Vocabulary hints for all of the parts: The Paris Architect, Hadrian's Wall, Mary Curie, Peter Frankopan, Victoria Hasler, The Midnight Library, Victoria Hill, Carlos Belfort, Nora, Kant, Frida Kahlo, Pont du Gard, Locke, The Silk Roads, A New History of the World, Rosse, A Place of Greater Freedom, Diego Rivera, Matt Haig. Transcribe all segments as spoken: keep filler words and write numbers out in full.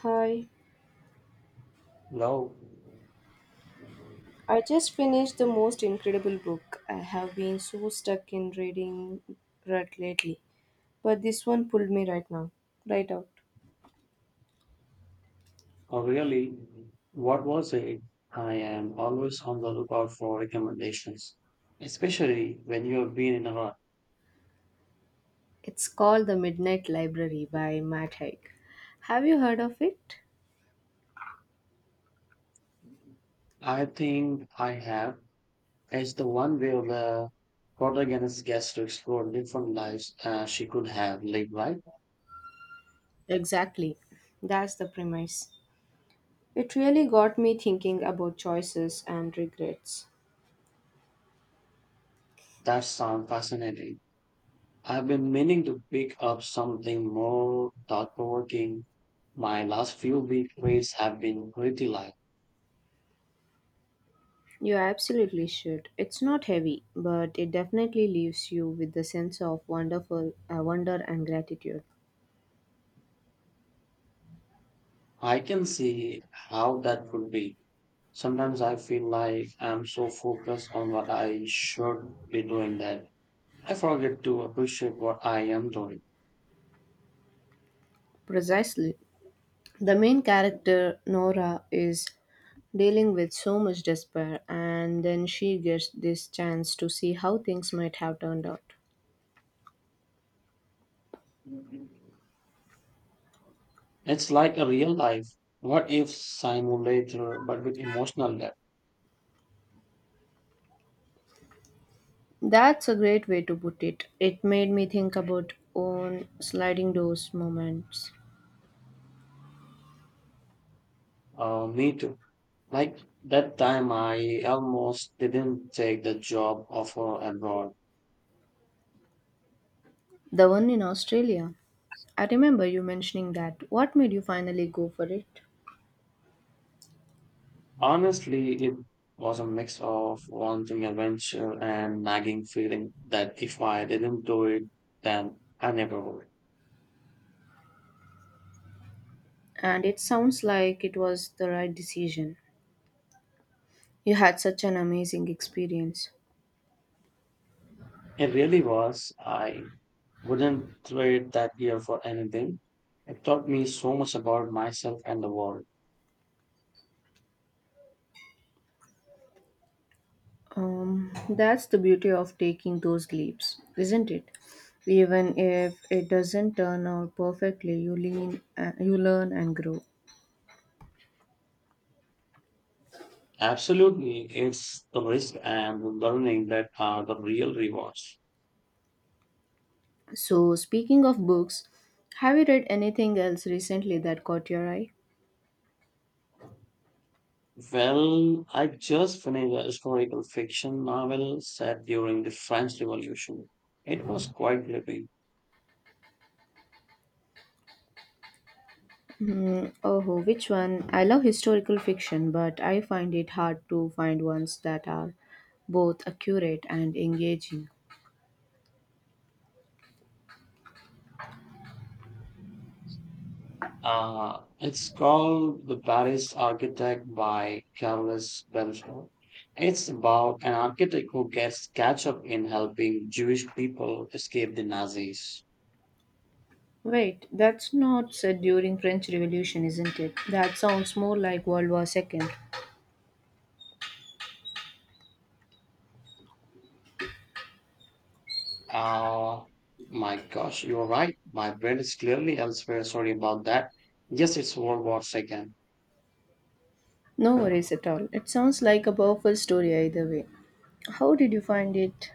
Hi, Love, I just finished the most incredible book. I have been so stuck in reading rut lately, but this one pulled me right now, right out. or really, what was it? I am always on the lookout for recommendations, especially when you have been in a rut. It's called The Midnight Library by Matt Haig. Have you heard of it? I think I have. It's the one where the protagonist gets to explore different lives uh, she could have lived, right? Exactly. That's the premise. It really got me thinking about choices and regrets. That sounds fascinating. I've been meaning to pick up something more thought provoking. My last few week reads have been pretty light. You absolutely should. It's not heavy, but it definitely leaves you with the sense of wonderful uh, wonder and gratitude. I can see how that could be. Sometimes I feel like I'm so focused on what I should be doing that I forget to appreciate what I am doing. Precisely. The main character, Nora, is dealing with so much despair, and then she gets this chance to see how things might have turned out. It's like a real life what if simulator but with emotional depth. That's a great way to put it. It made me think about own sliding doors moments. Uh, me too. Like that time I almost didn't take the job offer abroad. The one in Australia. I remember you mentioning that. What made you finally go for it? Honestly, it was a mix of wanting adventure and nagging feeling that if I didn't do it, then I never would. And it sounds like it was the right decision. You had such an amazing experience. It really was. I wouldn't trade that year for anything. It taught me so much about myself and the world. Um, that's the beauty of taking those leaps, isn't it? Even if it doesn't turn out perfectly, you lean, uh, you learn and grow. Absolutely, it's the risk and the learning that are the real rewards. So, speaking of books, have you read anything else recently that caught your eye? Well, I just finished a historical fiction novel set during the French Revolution. It was quite gripping. Mm, oh, which one? I love historical fiction, but I find it hard to find ones that are both accurate and engaging. Uh, it's called The Paris Architect by Carlos Belfort. It's about an architect who gets catch up in helping Jewish people escape the Nazis. Wait, that's not said during French Revolution, isn't it? That sounds more like World War Second. Oh my gosh, you're right. My brain is clearly elsewhere. Sorry about that. Yes, it's World War Second. No worries at all. It sounds like a powerful story either way. How did you find it?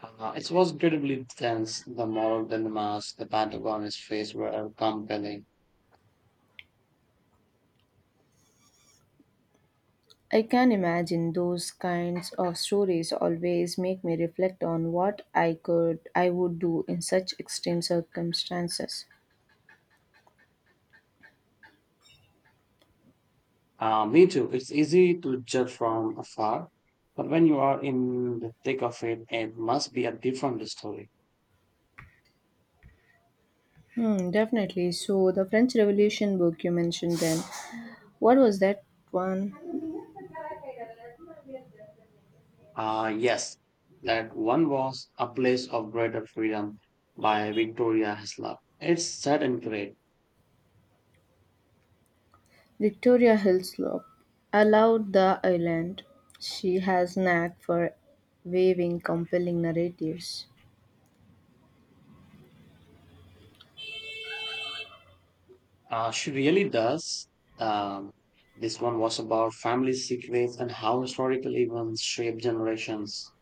Uh, it was incredibly tense. The moral dilemmas the Pentagon is faced were compelling. I can imagine those kinds of stories always make me reflect on what I could I would do in such extreme circumstances. Uh, me too. It's easy to judge from afar, but when you are in the thick of it, it must be a different story. Hmm, definitely. So the French Revolution book you mentioned then. What was that one? Uh, yes, that one was A Place of Greater Freedom by Victoria Hasler. It's sad and great. Victoria Hill, I loved the island. She has knack for weaving compelling narratives. Uh, she really does. Um, this one was about family secrets and how historical events shape generations.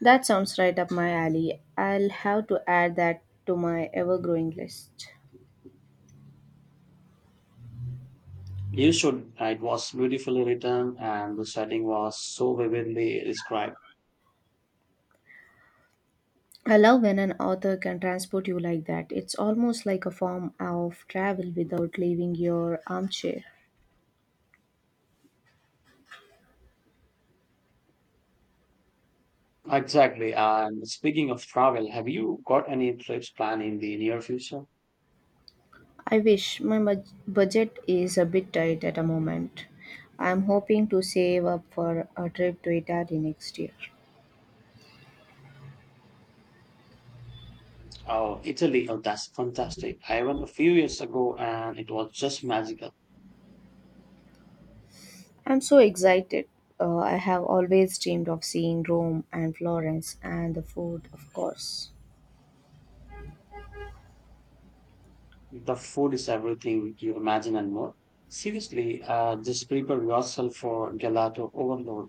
That sounds right up my alley. I'll have to add that to my ever growing list. You should. uh, It was beautifully written, and the setting was so vividly described. I love when an author can transport you like that. It's almost like a form of travel without leaving your armchair. Exactly. And speaking of travel, have you got any trips planned in the near future? I wish my mud- budget is a bit tight at the moment. I'm hoping to save up for a trip to Italy next year. Oh, Italy. Oh, that's fantastic. I went a few years ago, and it was just magical. I'm so excited. Uh, I have always dreamed of seeing Rome and Florence and the food, of course. The food is everything you imagine and more. Seriously, uh, just prepare yourself for gelato overload.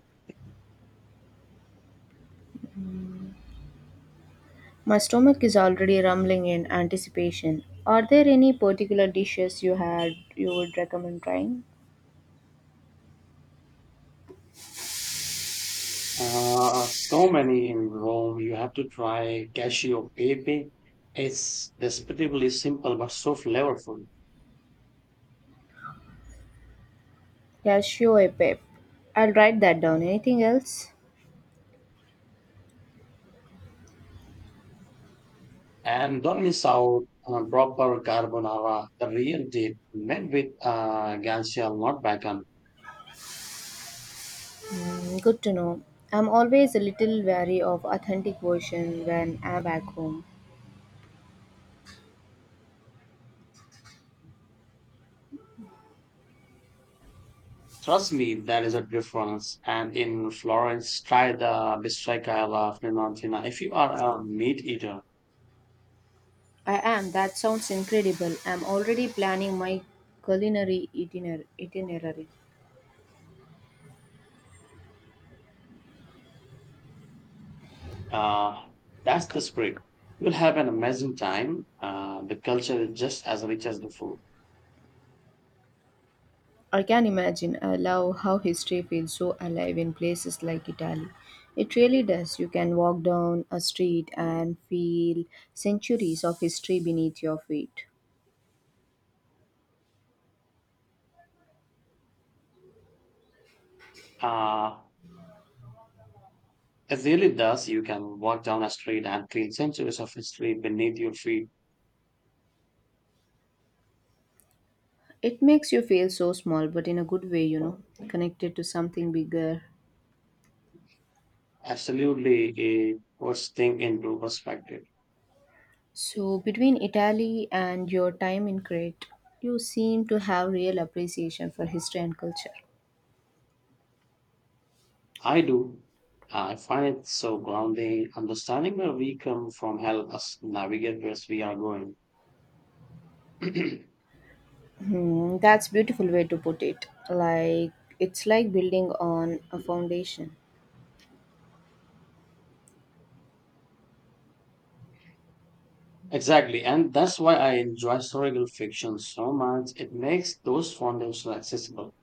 My stomach is already rumbling in anticipation. Are there any particular dishes you had you would recommend trying? Uh, so many in Rome. You have to try cashew pepe. It's desperately simple but so flavorful. Yeah, sure, Pep. I'll write that down. Anything else? And don't miss out on proper carbonara, the real deal, made with uh, gansia, not bacon. Hmm, good to know. I'm always a little wary of authentic version when I'm back home. Trust me, there is a difference. And in Florence, try the bistracca alla Fiorentina if you are a meat eater. I am. That sounds incredible. I'm already planning my culinary itiner- itinerary. Uh, that's the spirit. You'll have an amazing time. Uh, the culture is just as rich as the food. I can imagine. I love how history feels so alive in places like Italy. It really does. You can walk down a street and feel centuries of history beneath your feet. Uh, it really does. You can walk down a street and feel centuries of history beneath your feet. It makes you feel so small, but in a good way, you know, connected to something bigger. Absolutely a worst thing into perspective. So, between Italy and your time in Crete, you seem to have real appreciation for history and culture. I do. Uh, I find it so grounding. Understanding where we come from helps us navigate where we are going. Hmm, that's beautiful way to put it. Like it's like building on a foundation. Exactly, and that's why I enjoy historical fiction so much. It makes those foundations accessible.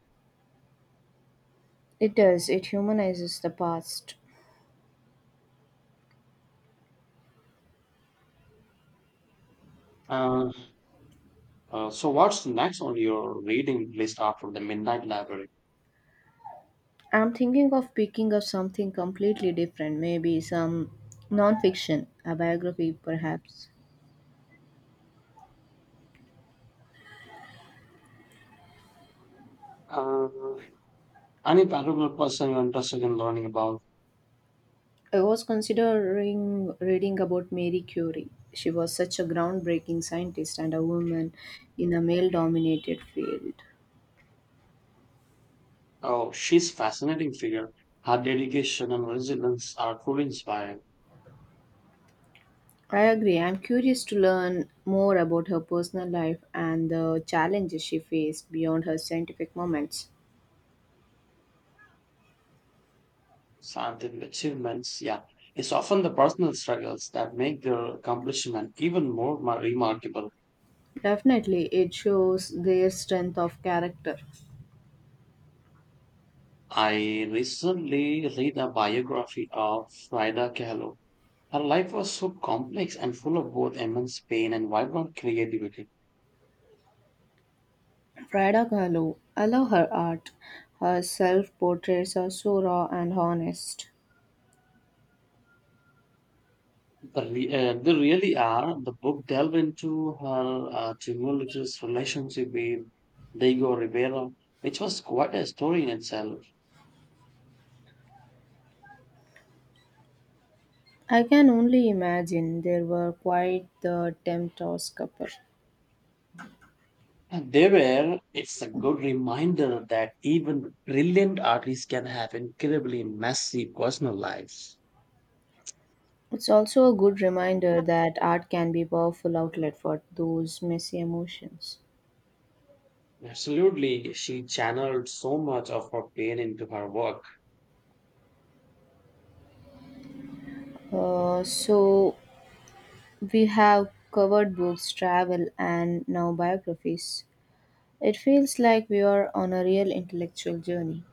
It does, it humanizes the past. Uh, Uh, so what's next on your reading list after the Midnight Library? I'm thinking of picking up something completely different, maybe some nonfiction, a biography perhaps. Uh, any particular person you're interested in learning about? I was considering reading about Mary Curie. She was such a groundbreaking scientist and a woman in a male dominated field. Oh, she's a fascinating figure. Her dedication and resilience are truly inspiring. I agree. I'm curious to learn more about her personal life and the challenges she faced beyond her scientific moments. Scientific achievements, yeah. It's often the personal struggles that make their accomplishment even more mar- remarkable. Definitely, it shows their strength of character. I recently read a biography of Frida Kahlo. Her life was so complex and full of both immense pain and vibrant creativity. Frida Kahlo. I love her art. Her self portraits are so raw and honest. The re- uh, they really are. The book delve into her uh, tumultuous relationship with Diego Rivera, which was quite a story in itself. I can only imagine there were quite the tempters couple. And they were, it's a good reminder that even brilliant artists can have incredibly messy personal lives. It's also a good reminder that art can be a powerful outlet for those messy emotions. Absolutely, she channeled so much of her pain into her work. Uh, so we have covered books, travel, and now biographies. It feels like we are on a real intellectual journey.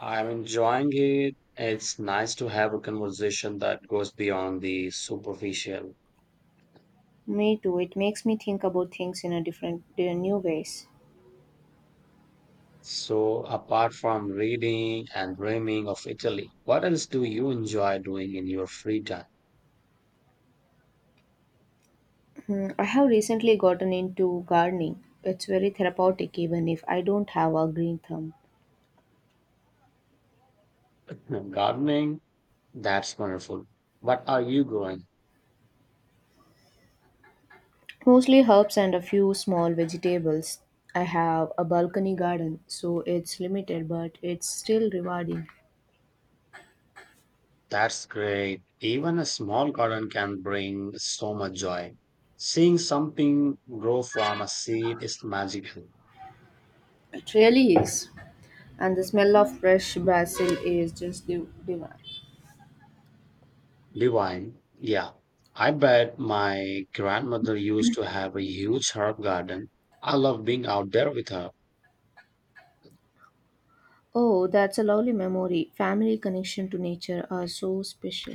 I'm enjoying it. It's nice to have a conversation that goes beyond the superficial. Me too. It makes me think about things in a different, in new ways. So, apart from reading and dreaming of Italy, what else do you enjoy doing in your free time? Hmm, I have recently gotten into gardening. It's very therapeutic even if I don't have a green thumb. Hmm, gardening? That's wonderful. What are you growing? Mostly herbs and a few small vegetables. I have a balcony garden, so it's limited but it's still rewarding. That's great. Even a small garden can bring so much joy. Seeing something grow from a seed is magical. It really is. And the smell of fresh basil is just div- divine. Divine. Yeah. I bet my grandmother used to have a huge herb garden. I love being out there with her. Oh, that's a lovely memory. Family connection to nature are so special.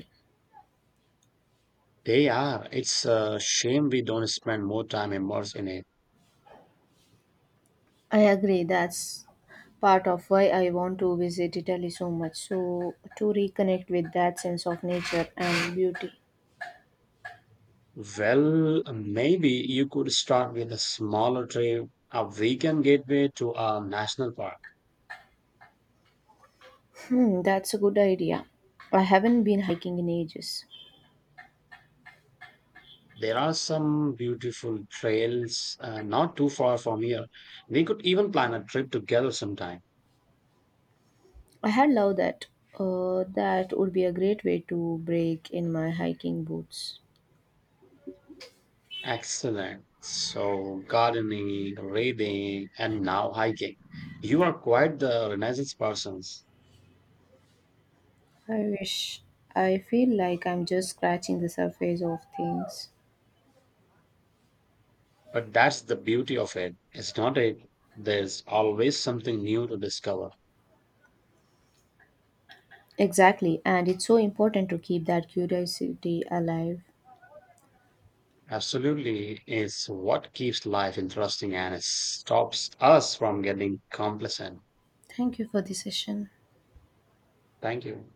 They are. It's a shame we don't spend more time immersed in it. I agree. That's part of why I want to visit Italy so much. So, to reconnect with that sense of nature and beauty. Well, maybe you could start with a smaller trip, a weekend gateway to a national park. Hmm, that's a good idea. I haven't been hiking in ages. There are some beautiful trails uh, not too far from here. We could even plan a trip together sometime. I had loved that. Uh, that would be a great way to break in my hiking boots. Excellent. So, gardening, reading, and now hiking. You are quite the renaissance person. I wish. I feel like I'm just scratching the surface of things. But that's the beauty of it. It's not it. There's always something new to discover. Exactly, and it's so important to keep that curiosity alive. Absolutely, it's what keeps life interesting and it stops us from getting complacent. Thank you for the session. Thank you.